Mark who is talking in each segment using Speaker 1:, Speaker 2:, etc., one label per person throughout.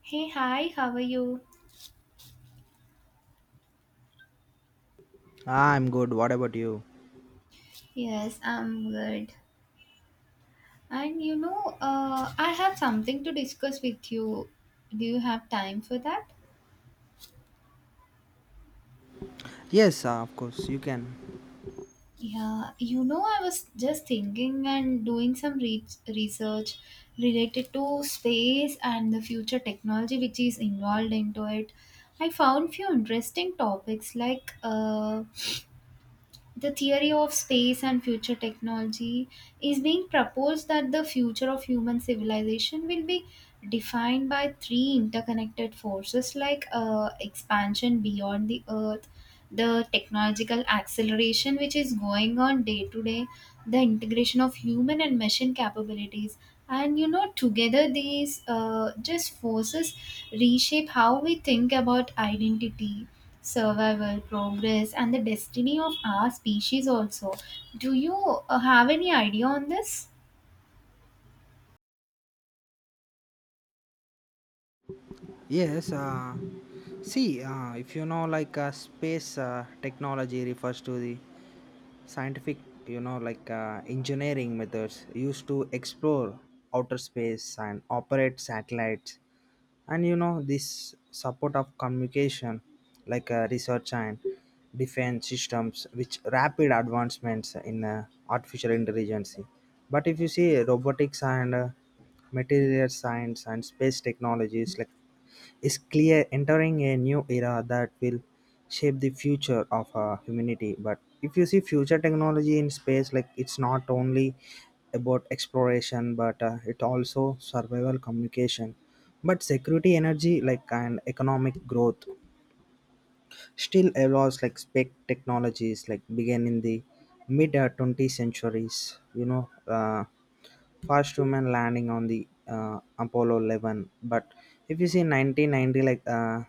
Speaker 1: Hey, hi, how are you?
Speaker 2: I'm good. What about you?
Speaker 1: Yes, I'm good. And you know, I have something to discuss with you. Do you have time for that?
Speaker 2: Yes, of course, you can.
Speaker 1: Yeah, you know, I was just thinking and doing some research related to space and the future technology which is involved into it. I found few interesting topics like the theory of space and future technology is being proposed that the future of human civilization will be defined by three interconnected forces like expansion beyond the earth, the technological acceleration which is going on day to day, the integration of human and machine capabilities, and you know, together these just forces reshape how we think about identity, survival, progress, and the destiny of our species also. Do you Have any idea on this?
Speaker 2: Yes, uh, See, if like space technology refers to the scientific, like engineering methods used to explore outer space and operate satellites, and this support of communication, like research and defense systems, which rapid advancements in artificial intelligence. But if you see robotics and material science and space technologies, like is clear entering a new era that will shape the future of humanity. But if you see future technology in space, like it's not only about exploration but it also survival communication, but security, energy, like and economic growth, still allows like spec technologies like began in the mid 20th centuries. First human landing on the apollo 11. But if you see 1990, like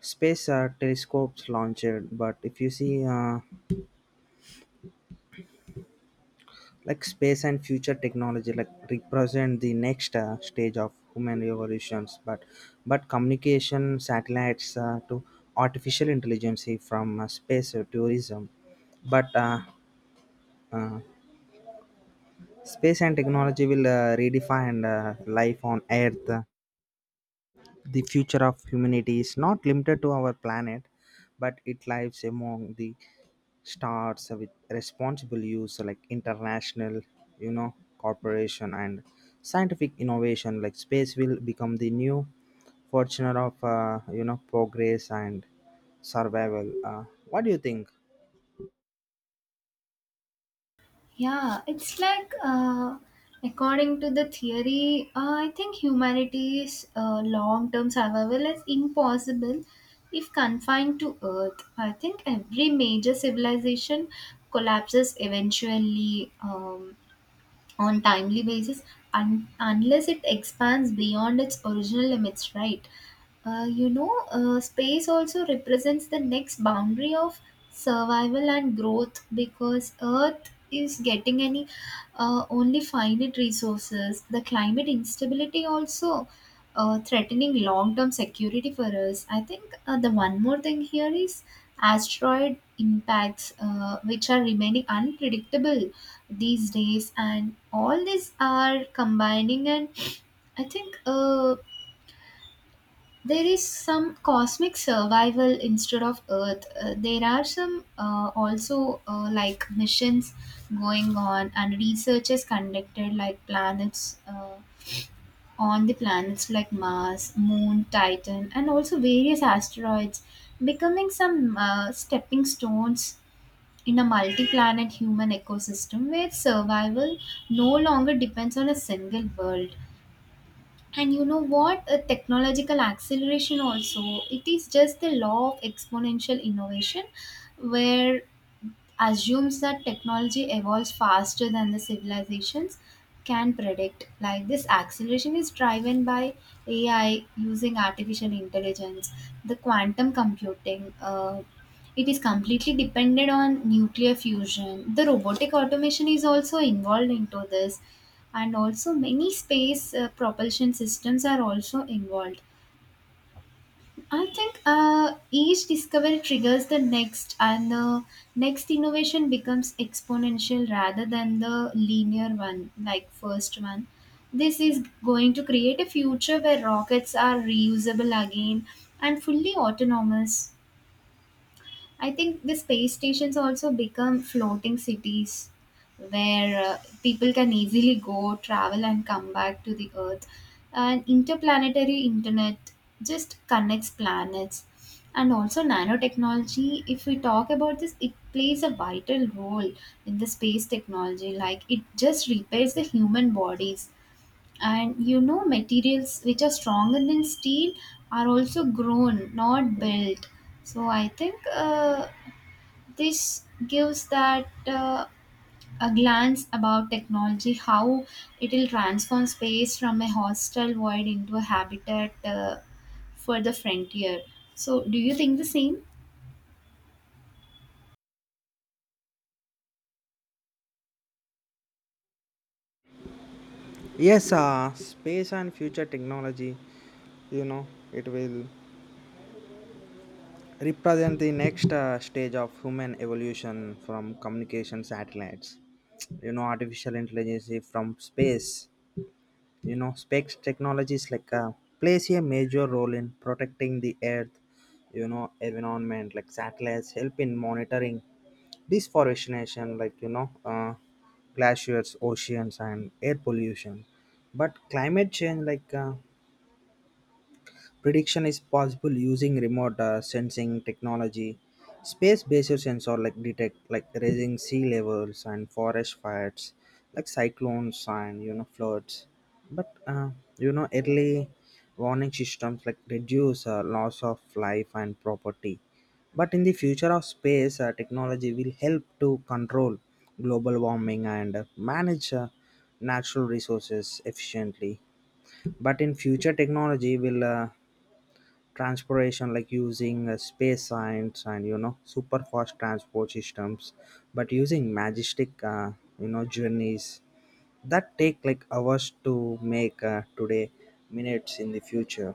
Speaker 2: space telescopes launched. But if you see like space and future technology, like represent the next stage of human evolutions. But communication satellites to artificial intelligence from space to tourism. But uh, Space and technology will redefine life on earth. The future of humanity is not limited to our planet, but it lies among the stars, with responsible use, like international cooperation and scientific innovation, like space will become the new fortune of progress and survival. What do you think?
Speaker 1: Yeah, it's like according to the theory, I think humanity's long term survival is impossible if confined to Earth. I think every major civilization collapses eventually. On timely basis unless it expands beyond its original limits, right? Space also represents the next boundary of survival and growth because earth is getting any only finite resources. The climate instability also threatening long-term security for us. I think the one more thing here is asteroid impacts, which are remaining unpredictable these days, and all these are combining and I think there is some cosmic survival instead of earth. There are some also like missions going on, and research is conducted like planets on the planets like mars, moon, titan, and also various asteroids becoming some stepping stones in a multi-planet human ecosystem where survival no longer depends on a single world. And you know what, a technological acceleration also, it is just the law of exponential innovation where assumes that technology evolves faster than the civilizations can predict. Like this acceleration is driven by AI using artificial intelligence, the quantum computing. It is completely dependent on nuclear fusion. The robotic automation is also involved into this, and also many space propulsion systems are also involved. I think each discovery triggers the next, and the next innovation becomes exponential rather than the linear one, like first one. This is going to create a future where rockets are reusable again and fully autonomous. I think the space stations also become floating cities where people can easily go, travel, and come back to the Earth. And interplanetary internet just connects planets. And also, nanotechnology, if we talk about this, it plays a vital role in the space technology. Like, it just repairs the human bodies. And you know, materials which are stronger than steel are also grown, not built. So I think this gives that a glance about technology how it will transform space from a hostile void into a habitat for the frontier. So do you think the same?
Speaker 2: Yes, space and future technology, it will represent the next stage of human evolution from communication satellites, artificial intelligence from space, space technologies, like plays a major role in protecting the earth, environment, like satellites help in monitoring deforestation, like glaciers, oceans and air pollution. But climate change, like prediction is possible using remote sensing technology, space-based sensor like detect like rising sea levels and forest fires, like cyclones and floods. But early warning systems like reduce loss of life and property. But in the future of space, technology will help to control global warming and manage natural resources efficiently. But in future, technology will transportation, like using space science and super fast transport systems, but using majestic journeys that take like hours to make today minutes in the future,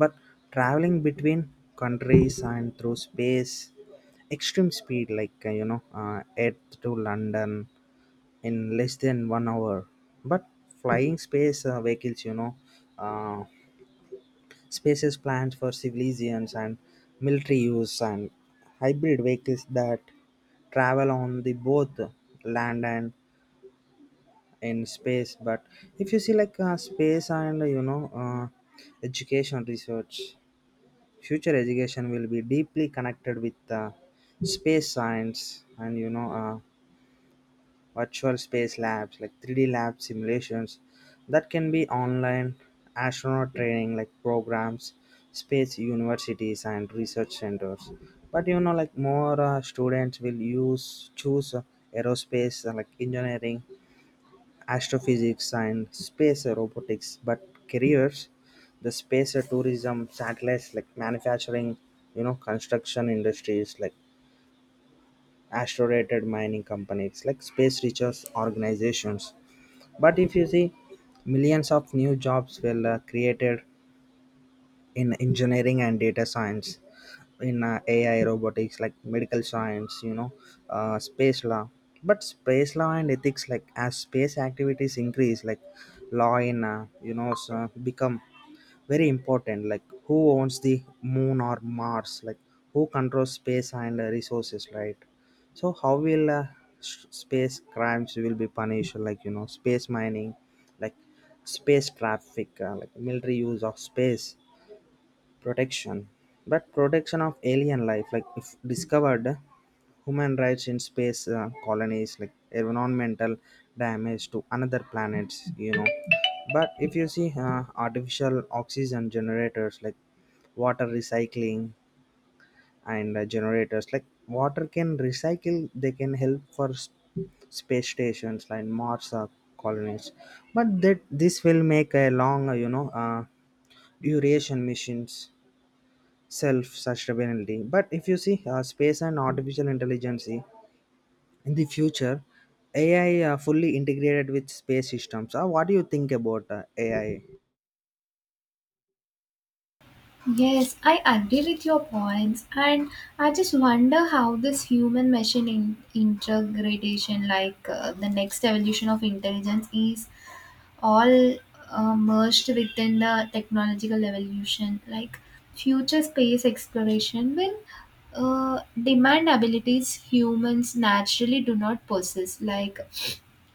Speaker 2: but traveling between countries and through space extreme speed, like earth to london in less than 1 hour, but flying space vehicles. Uh, Spaces planned for civilians and military use, and hybrid vehicles that travel on the both land and in space. But if you see like space and education research, future education will be deeply connected with space science and virtual space labs like 3D lab simulations that can be online, astronaut training like programs, space universities and research centers. But like more students will use choose aerospace like engineering, astrophysics and space robotics. But careers, the space tourism satellites like manufacturing, construction industries, like asteroid mining companies, like space research organizations. But if you see, millions of new jobs were created in engineering and data science, in AI, robotics, like medical science, space law. But space law and ethics, like as space activities increase, like law in, become very important. Like who owns the moon or mars, like who controls space and resources, right? So how will space crimes will be punished? Like space mining, like space traffic, like military use of space protection, but protection of alien life like if discovered, human rights in space colonies, like environmental damage to another planets, but if you see artificial oxygen generators like water recycling and generators like water can recycle, they can help for space stations like mars colonies. But that this will make a long duration missions, self sustainability. But if you see space and artificial intelligence in the future, ai fully integrated with space systems. What do you think about ai?
Speaker 1: Yes, I agree with your points, and I just wonder how this human machine integration, like the next evolution of intelligence, is all merged within the technological evolution. Like future space exploration will demand abilities humans naturally do not possess, like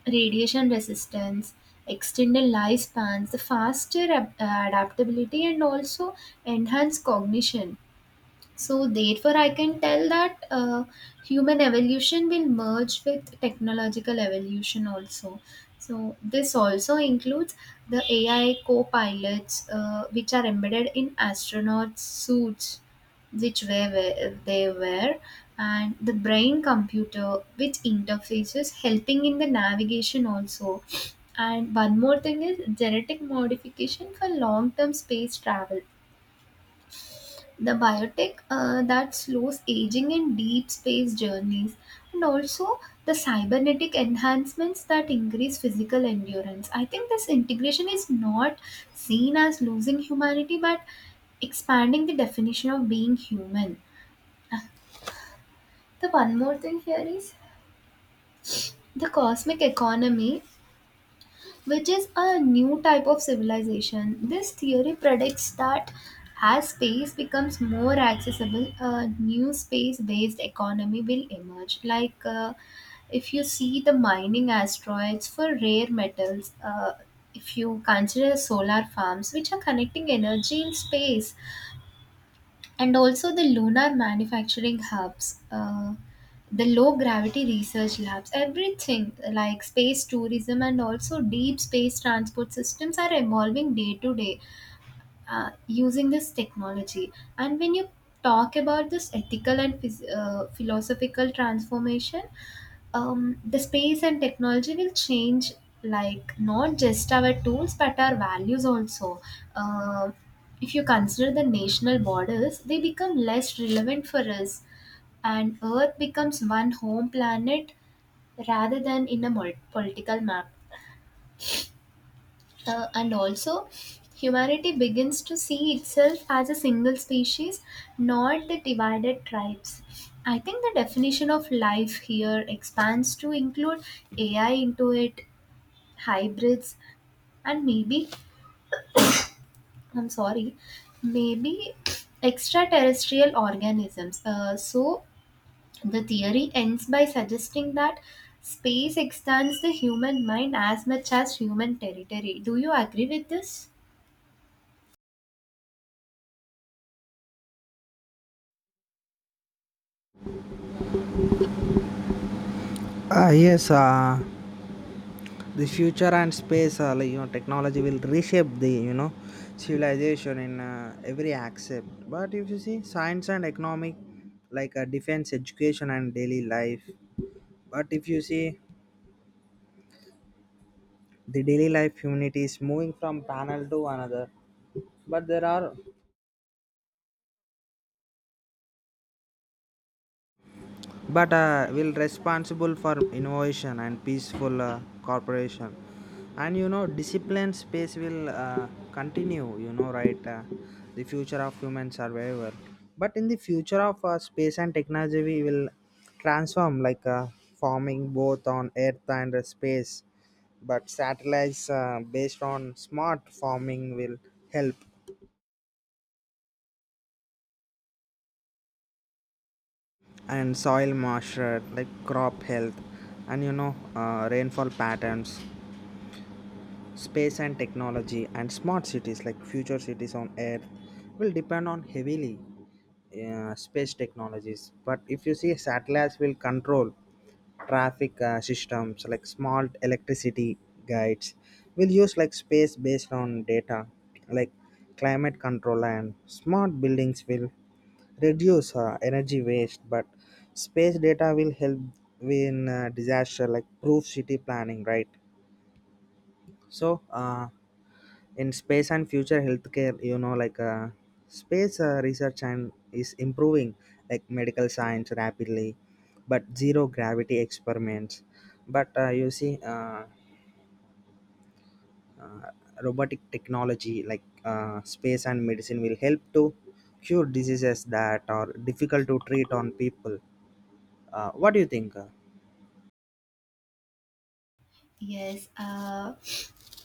Speaker 1: radiation resistance, extended lifespans, the faster adaptability, and also enhanced cognition. So therefore, I can tell that human evolution will merge with technological evolution also. So this also includes the AI co-pilots, which are embedded in astronauts' suits, which and the brain computer, which interfaces helping in the navigation also. And one more thing is genetic modification for long-term space travel, the biotech that slows aging in deep space journeys, and also the cybernetic enhancements that increase physical endurance. I think this integration is not seen as losing humanity but expanding the definition of being human. The one more thing here is the cosmic economy, which is a new type of civilization. This theory predicts that as space becomes more accessible, a new space based economy will emerge. Like if you see the mining asteroids for rare metals, if you consider solar farms, which are connecting energy in space, and also the lunar manufacturing hubs, the low gravity research labs, everything like space tourism and also deep space transport systems are evolving day to day using this technology. And when you talk about this ethical and philosophical transformation, the space and technology will change like not just our tools but our values also. uh, if you consider the national borders, they become less relevant for us, and earth becomes one home planet rather than in a political map. And also, humanity begins to see itself as a single species, not the divided tribes. I think the definition of life here expands to include AI into it, hybrids, and maybe, I'm sorry, maybe extraterrestrial organisms. So, the theory ends by suggesting that space extends the human mind as much as human territory. Do you agree with this?
Speaker 2: uh, yes uh, the future and space, like, technology will reshape the civilization in every aspect. But if you see science and economic, like defense, education and daily life, but if you see the daily life humanity is moving from panel to another. But there are, but will responsible for innovation and peaceful cooperation and discipline. Space will continue, right, the future of human survival. But in the future of space and technology, we will transform like forming both on earth and space. But satellites based on smart farming will help, and soil moisture, like crop health and rainfall patterns. Space and technology and smart cities, like future cities on Earth will depend on heavily space technologies. But if you see, satellites will control traffic systems like smart electricity guides, will use like space based on data, like climate control and smart buildings will reduce energy waste. But space data will help in disaster like proof city planning, right? So. In space and future healthcare, like space research and is improving like medical science rapidly, but zero gravity experiments, but you see robotic technology, like space and medicine will help to cure diseases that are difficult to treat on people. What do you think?
Speaker 1: Yes,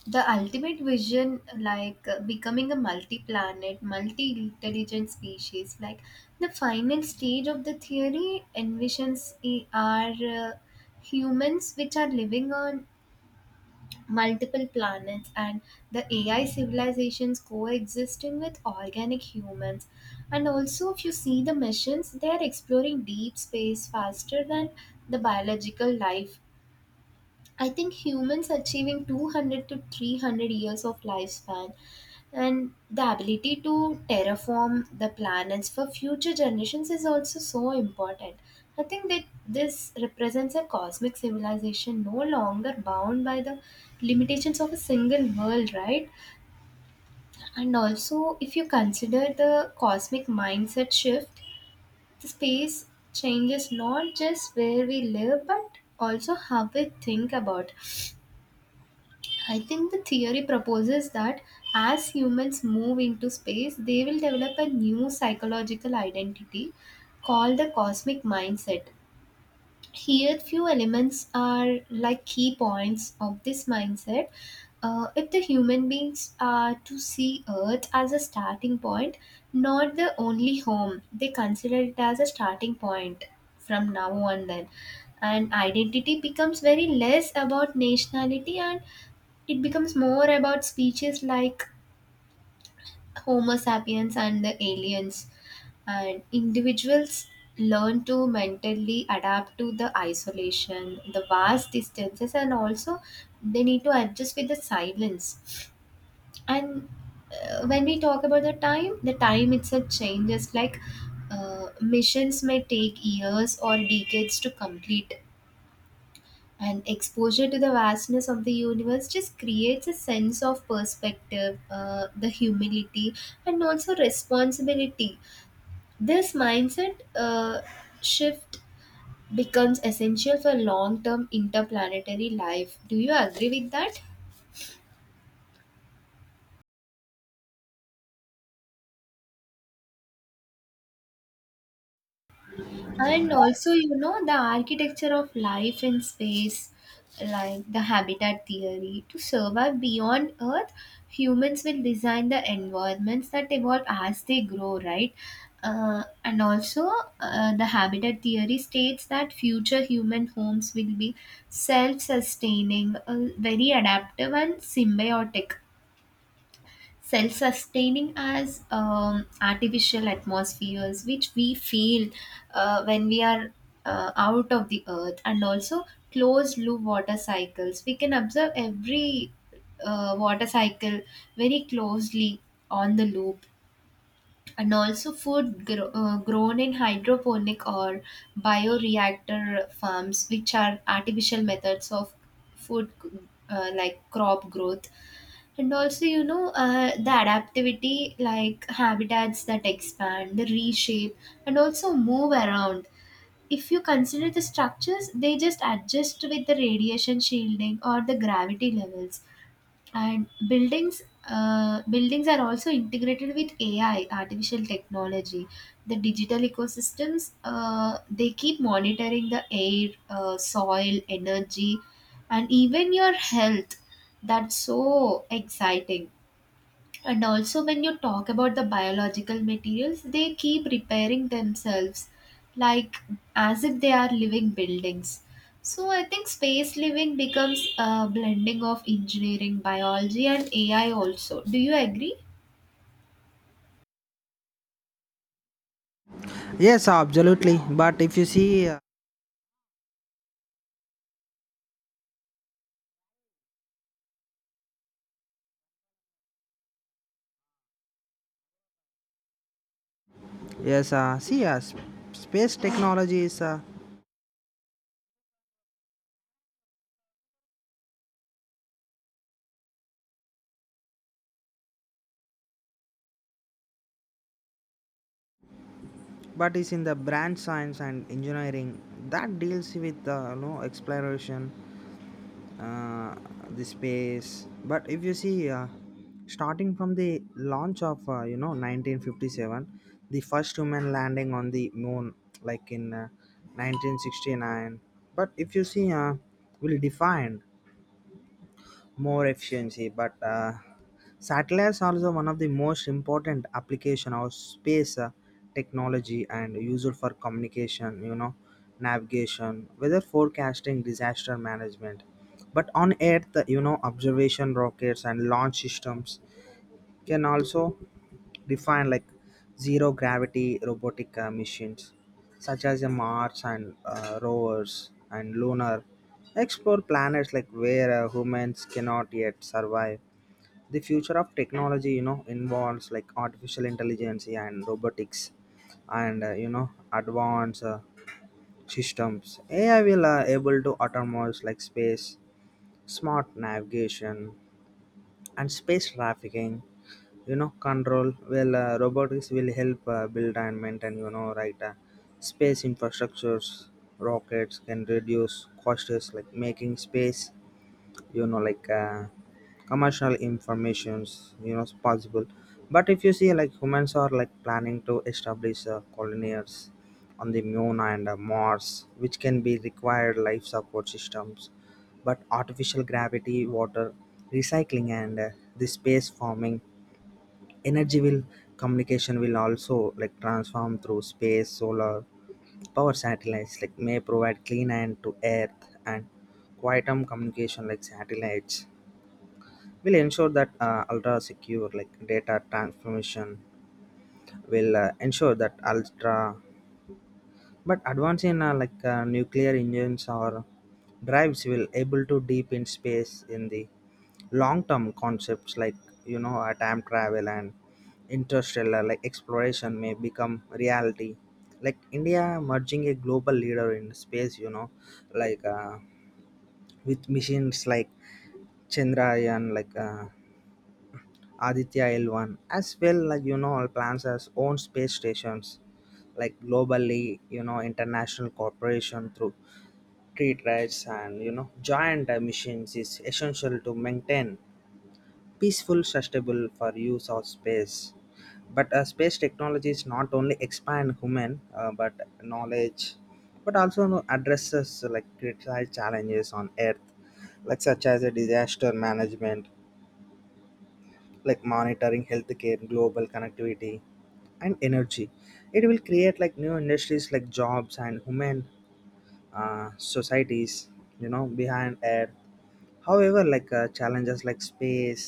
Speaker 1: the ultimate vision, like becoming a multi planet, multi intelligent species, like the final stage of the theory envisions I- are humans which are living on multiple planets, and the AI civilizations coexisting with organic humans. And also, if you see the missions, they are exploring deep space faster than the biological life. I think humans achieving 200 to 300 years of lifespan and the ability to terraform the planets for future generations is also so important. I think that this represents a cosmic civilization no longer bound by the limitations of a single world, right? And also, if you consider the cosmic mindset shift, the space changes not just where we live but also how we think about. I think the theory proposes that as humans move into space, they will develop a new psychological identity called the cosmic mindset. Here, few elements are like key points of this mindset. If the human beings are to see Earth as a starting point, not the only home, they consider it as a starting point from now on then. And identity becomes very less about nationality, and it becomes more about species like Homo sapiens and the aliens, and individuals learn to mentally adapt to the isolation, the vast distances, and also they need to adjust with the silence. And when we talk about the time itself changes like missions may take years or decades to complete. And exposure to the vastness of the universe just creates a sense of perspective, the humility, and also responsibility. This mindset shift becomes essential for long term interplanetary life. Do you agree with that? And also, you know, the architecture of life in space, like the habitat theory, to survive beyond Earth, humans will design the environments that evolve as they grow, right? And also, the habitat theory states that future human homes will be self sustaining, very adaptive, and symbiotic self-sustaining as artificial atmospheres which we feel when we are out of the earth, and also closed loop water cycles we can observe every water cycle very closely on the loop, and also food grown in hydroponic or bioreactor farms which are artificial methods of food, like crop growth. And also you know the adaptivity, like habitats that expand the reshape and also move around. If you consider the structures, they just adjust with the radiation shielding or the gravity levels, and buildings, buildings are also integrated with AI, artificial technology. The digital ecosystems, they keep monitoring the air, soil, energy, and even your health. That's so exciting. And also, when you talk about the biological materials, they keep repairing themselves like as if they are living buildings. So, I think space living becomes a blending of engineering, biology, and AI also. Do you agree?
Speaker 2: Yes, absolutely, but if you see yes see, space technology is but is in the branch science and engineering that deals with exploration, uh, the space. But if you see starting from the launch of 1957, the first human landing on the moon like in 1969. But if you see will define more efficiency, but satellites are also one of the most important application of space technology and used for communication, navigation, weather forecasting, disaster management, but on earth, observation rockets and launch systems can also define, like zero gravity robotic missions such as the mars and rovers and lunar, explore planets like where humans cannot yet survive. The future of technology, involves like artificial intelligence and robotics and advanced systems. AI will able to autonomize like space smart navigation and space trafficking, control. Well robotics will help build and maintain, right, space infrastructures. Rockets can reduce costs like making space, like commercial informations, it's possible. But if you see like humans are like planning to establish colonies on the moon and mars, which can be required life support systems, but artificial gravity, water recycling and the space farming. Energy will, communication will also like transform through space solar power satellites like may provide clean and to earth. And quantum communication like satellites will ensure that ultra secure like data transformation will ensure that ultra but advance in like nuclear engines or drives will able to deep in space. In the long term concepts, like time travel and interstellar like exploration may become reality, like india merging a global leader in space, like with missions like chandrayaan, like Aditya L1, as well, like plans has own space stations, like globally, international cooperation through treat rights and giant missions is essential to maintain peaceful, sustainable for use of space. But space technology is not only expand human but knowledge, but also addresses like critical challenges on Earth, like such as a disaster management, like monitoring healthcare, global connectivity and energy. It will create like new industries, like jobs and human societies, behind earth. However, like challenges like space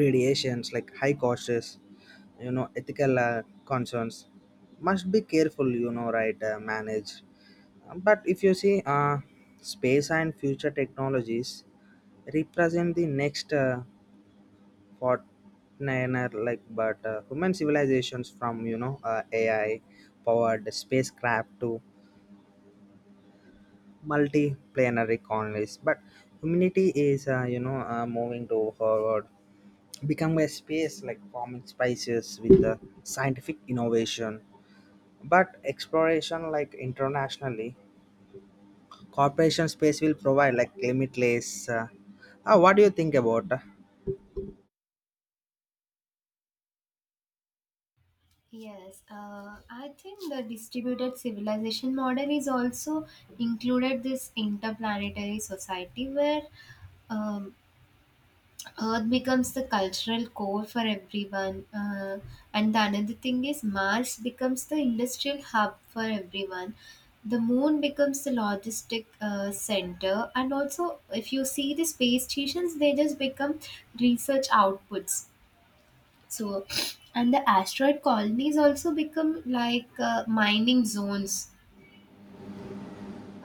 Speaker 2: radiations, like high costs, ethical concerns must be careful, right, managed. But if you see space and future technologies represent the next Fortnite like. But human civilizations from AI powered spacecraft to multiplanetary colonies, but humanity is moving to forward, become a space like forming spaces with the scientific innovation, but exploration like internationally corporation space will provide like limitless What do you think about
Speaker 1: Yes, I think the distributed civilization model is also included this interplanetary society where um, Earth becomes the cultural core for everyone. And the another thing is Mars becomes the industrial hub for everyone. The moon becomes the logistic center, and also if you see the space stations, they just become research outputs. So, and the asteroid colonies also become like mining zones.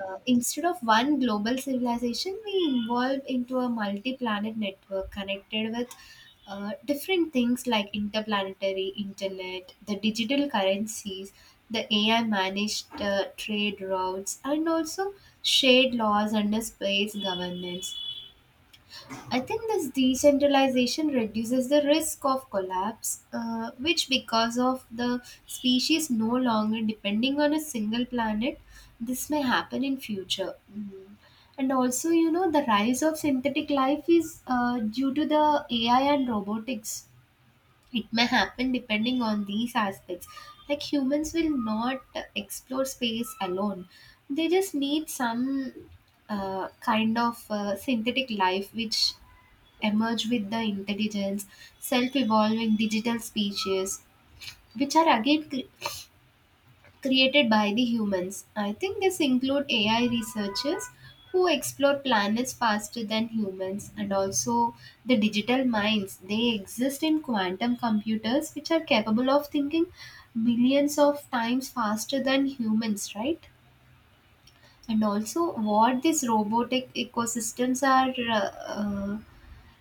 Speaker 1: Instead of one global civilization, we evolved into a multi-planet network connected with different things like interplanetary internet, the digital currencies, the AI managed trade routes, and also shared laws under space governance. I think this decentralization reduces the risk of collapse, which, because of the species no longer depending on a single planet, this may happen in future. Mm. And also, you know, the rise of synthetic life is due to the AI and robotics. It may happen depending on these aspects. Like humans will not explore space alone; they just need some kind of synthetic life which emerge with the intelligence, self evolving digital species, which are again created by the humans. I think this include AI researchers who explore planets faster than humans, and also the digital minds, they exist in quantum computers which are capable of thinking millions of times faster than humans, right? And also, what these robotic ecosystems are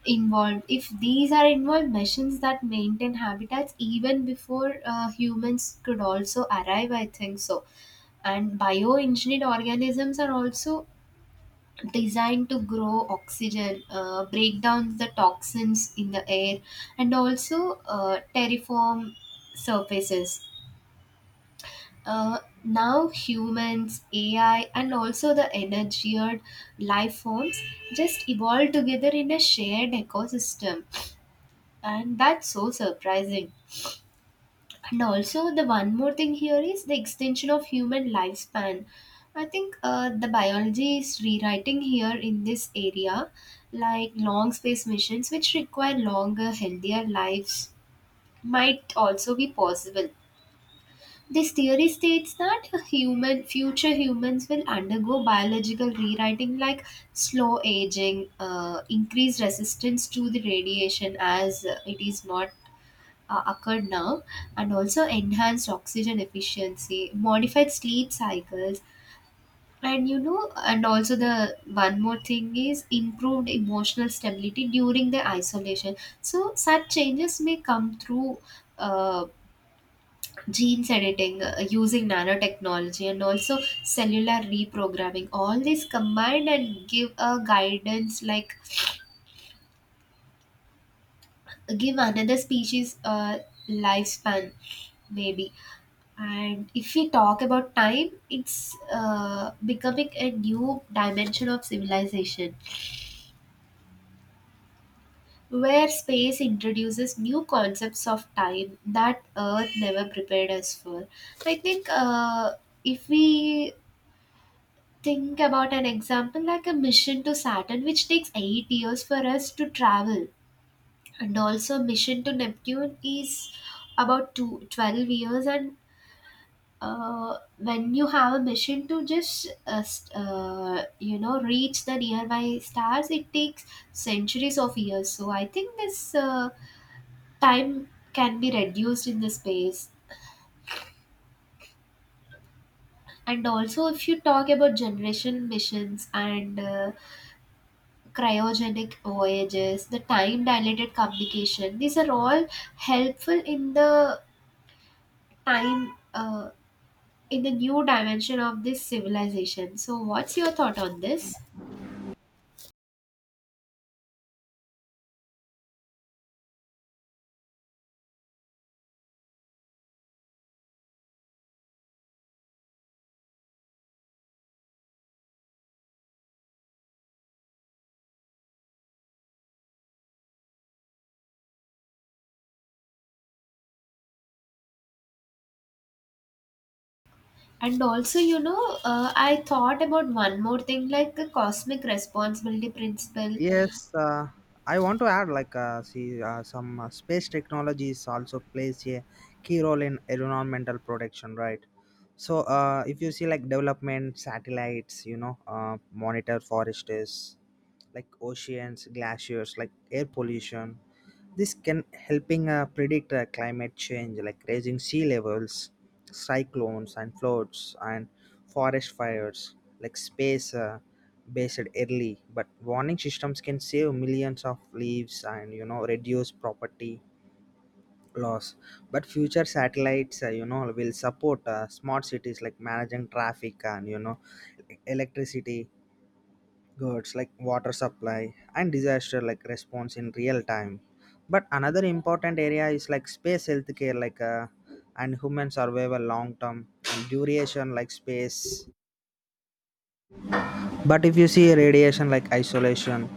Speaker 1: involved, if these are involved machines that maintain habitats even before humans could also arrive, I think so. And bioengineered organisms are also designed to grow oxygen, break down the toxins in the air, and also terraform surfaces. uh, Now humans, AI, and also the engineered life forms just evolved together in a shared ecosystem. And that's so surprising. And also, the one more thing here is the extension of human lifespan. I think the biology is rewriting here in this area, like long space missions, which require longer, healthier lives, might also be possible. This theory states that human future humans will undergo biological rewriting like slow aging, increased resistance to the radiation, as it is not occurred now, and also enhanced oxygen efficiency, modified sleep cycles, and and also the one more thing is improved emotional stability during the isolation. So, such changes may come through. Uh, Genes editing using nanotechnology and also cellular reprogramming, all these combined and give a guidance like give another species a lifespan, maybe. And if we talk about time, it's becoming a new dimension of civilization where space introduces new concepts of time that Earth never prepared us for. I think if we think about an example like a mission to Saturn, which takes 8 years for us to travel, and also mission to Neptune is about 2-12 years, and when you have a mission to just reach the nearby stars, it takes centuries of years. So I think this time can be reduced in the space. And also, if you talk about generation missions and cryogenic voyages, the time dilated communication, these are all helpful in the time, uh, in the new dimension of this civilization. So what's your thought on this? And also, I thought about one more thing, like the cosmic responsibility principle.
Speaker 2: Yes, I want to add like see some space technologies also plays a key role in environmental protection, right? So if you see like development satellites, monitor forests, like oceans, glaciers, like air pollution. This can helping predict climate change, like raising sea levels, cyclones and floods and forest fires, like space. Based early but warning systems can save millions of lives and reduce property loss. But future satellites will support smart cities, like managing traffic and electricity goods, like water supply and disaster like response in real time. But another important area is like space healthcare, like and human survival long term and duration like space. But if you see radiation like isolation,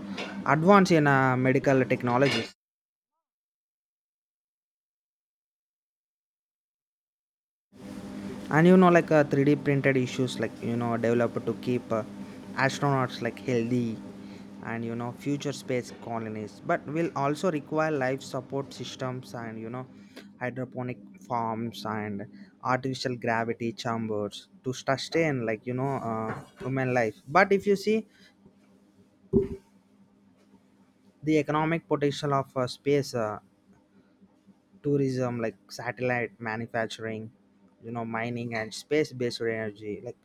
Speaker 2: advance in medical technologies, and like 3D printed issues, like developed to keep astronauts like healthy, and future space colonies, but will also require life support systems and hydroponic farms and artificial gravity chambers to sustain like human life. But if you see the economic potential of space. Tourism like satellite manufacturing, mining and space based energy, like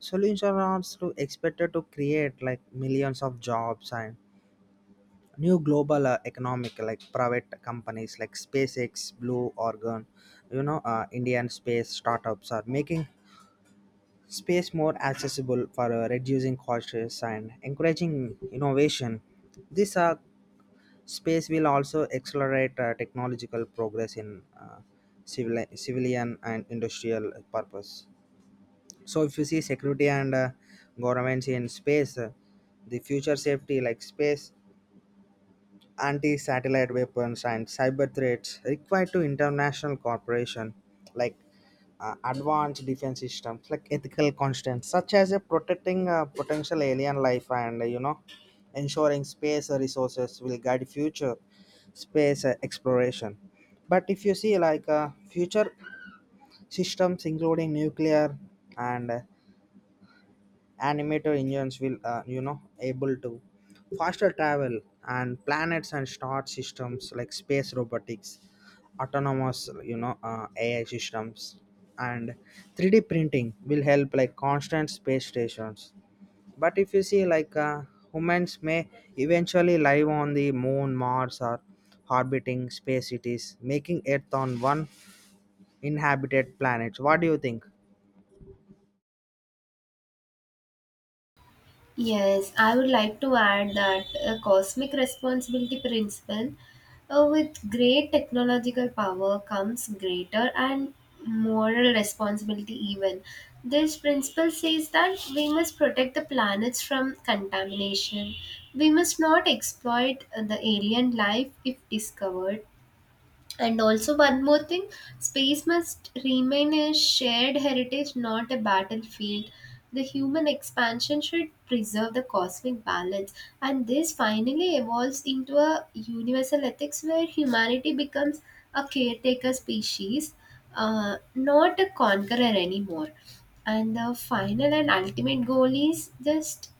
Speaker 2: solutions are to expected to create like millions of jobs and new global economic, like private companies like SpaceX, Blue Origin, indian space startups are making space more accessible for reducing costs and encouraging innovation. These are, space will also accelerate technological progress in civilian and industrial purpose. So, if you see security and governments in space, the future safety like space anti-satellite weapons and cyber threats required to international cooperation, like advanced defense systems, like ethical constants such as protecting potential alien life and ensuring space resources will guide future space exploration. But if you see like future systems including nuclear and animator engines will able to faster travel and planets and star systems, like space robotics autonomous ai systems and 3D printing will help like constant space stations. But if you see like humans may eventually live on the moon, mars or orbiting space cities, making earth on one inhabited planet. What do you think?
Speaker 1: Yes, I would like to add that a cosmic responsibility principle, with great technological power comes greater and moral responsibility, even. This principle says that we must protect the planets from contamination. We must not exploit the alien life if discovered. And also, one more thing, space must remain a shared heritage, not a battlefield. The human expansion should preserve the cosmic balance, and this finally evolves into a universal ethics where humanity becomes a caretaker species, not a conqueror anymore. And the final and ultimate goal is just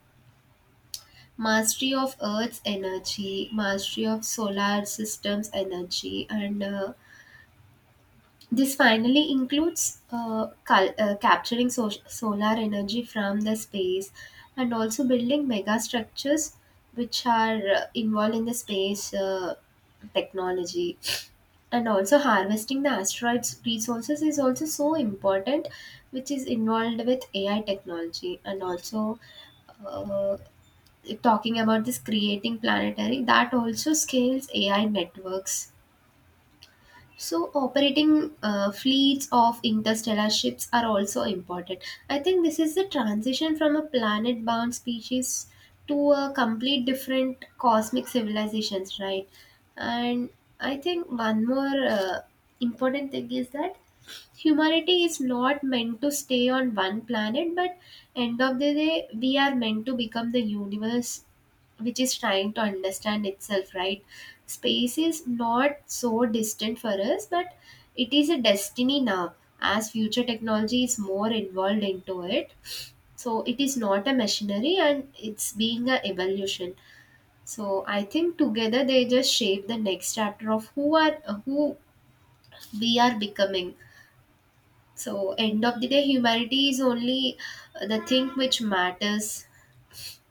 Speaker 1: mastery of Earth's energy, mastery of solar systems energy, and this finally includes capturing solar energy from the space, and also building mega structures which are involved in the space technology. And also, harvesting the asteroids' resources is also so important, which is involved with AI technology. And also, uh, talking about this creating planetary, that also scales AI networks, so operating fleets of interstellar ships are also important. I think this is the transition from a planet bound species to a complete different cosmic civilizations, right? And I think one more important thing is that humanity is not meant to stay on one planet, but end of the day, we are meant to become the universe which is trying to understand itself, right? Space is not so distant for us, but it is a destiny now as future technology is more involved into it. So it is not a machinery and it's being a evolution. So I think together they just shape the next chapter of who we are becoming. So end of the day, humanity is only the thing which matters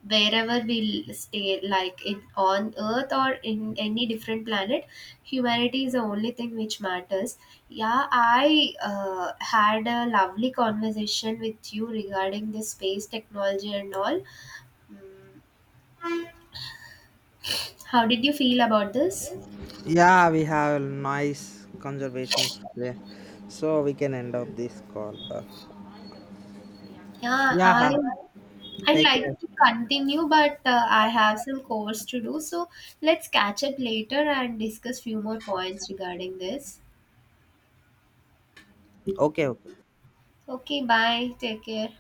Speaker 1: wherever we stay, like in on Earth or in any different planet. Humanity is the only thing which matters. Yeah, I had a lovely conversation with you regarding this space technology and all. Mm, how did you feel about this?
Speaker 2: Yeah, we have nice conservations today, so we can end up this call.
Speaker 1: yeah i
Speaker 2: Yeah,
Speaker 1: i
Speaker 2: take
Speaker 1: like
Speaker 2: care.
Speaker 1: to continue, but I have some course to do, so let's catch up later and discuss few more points regarding this.
Speaker 2: Okay, okay.
Speaker 1: Okay, bye, take care.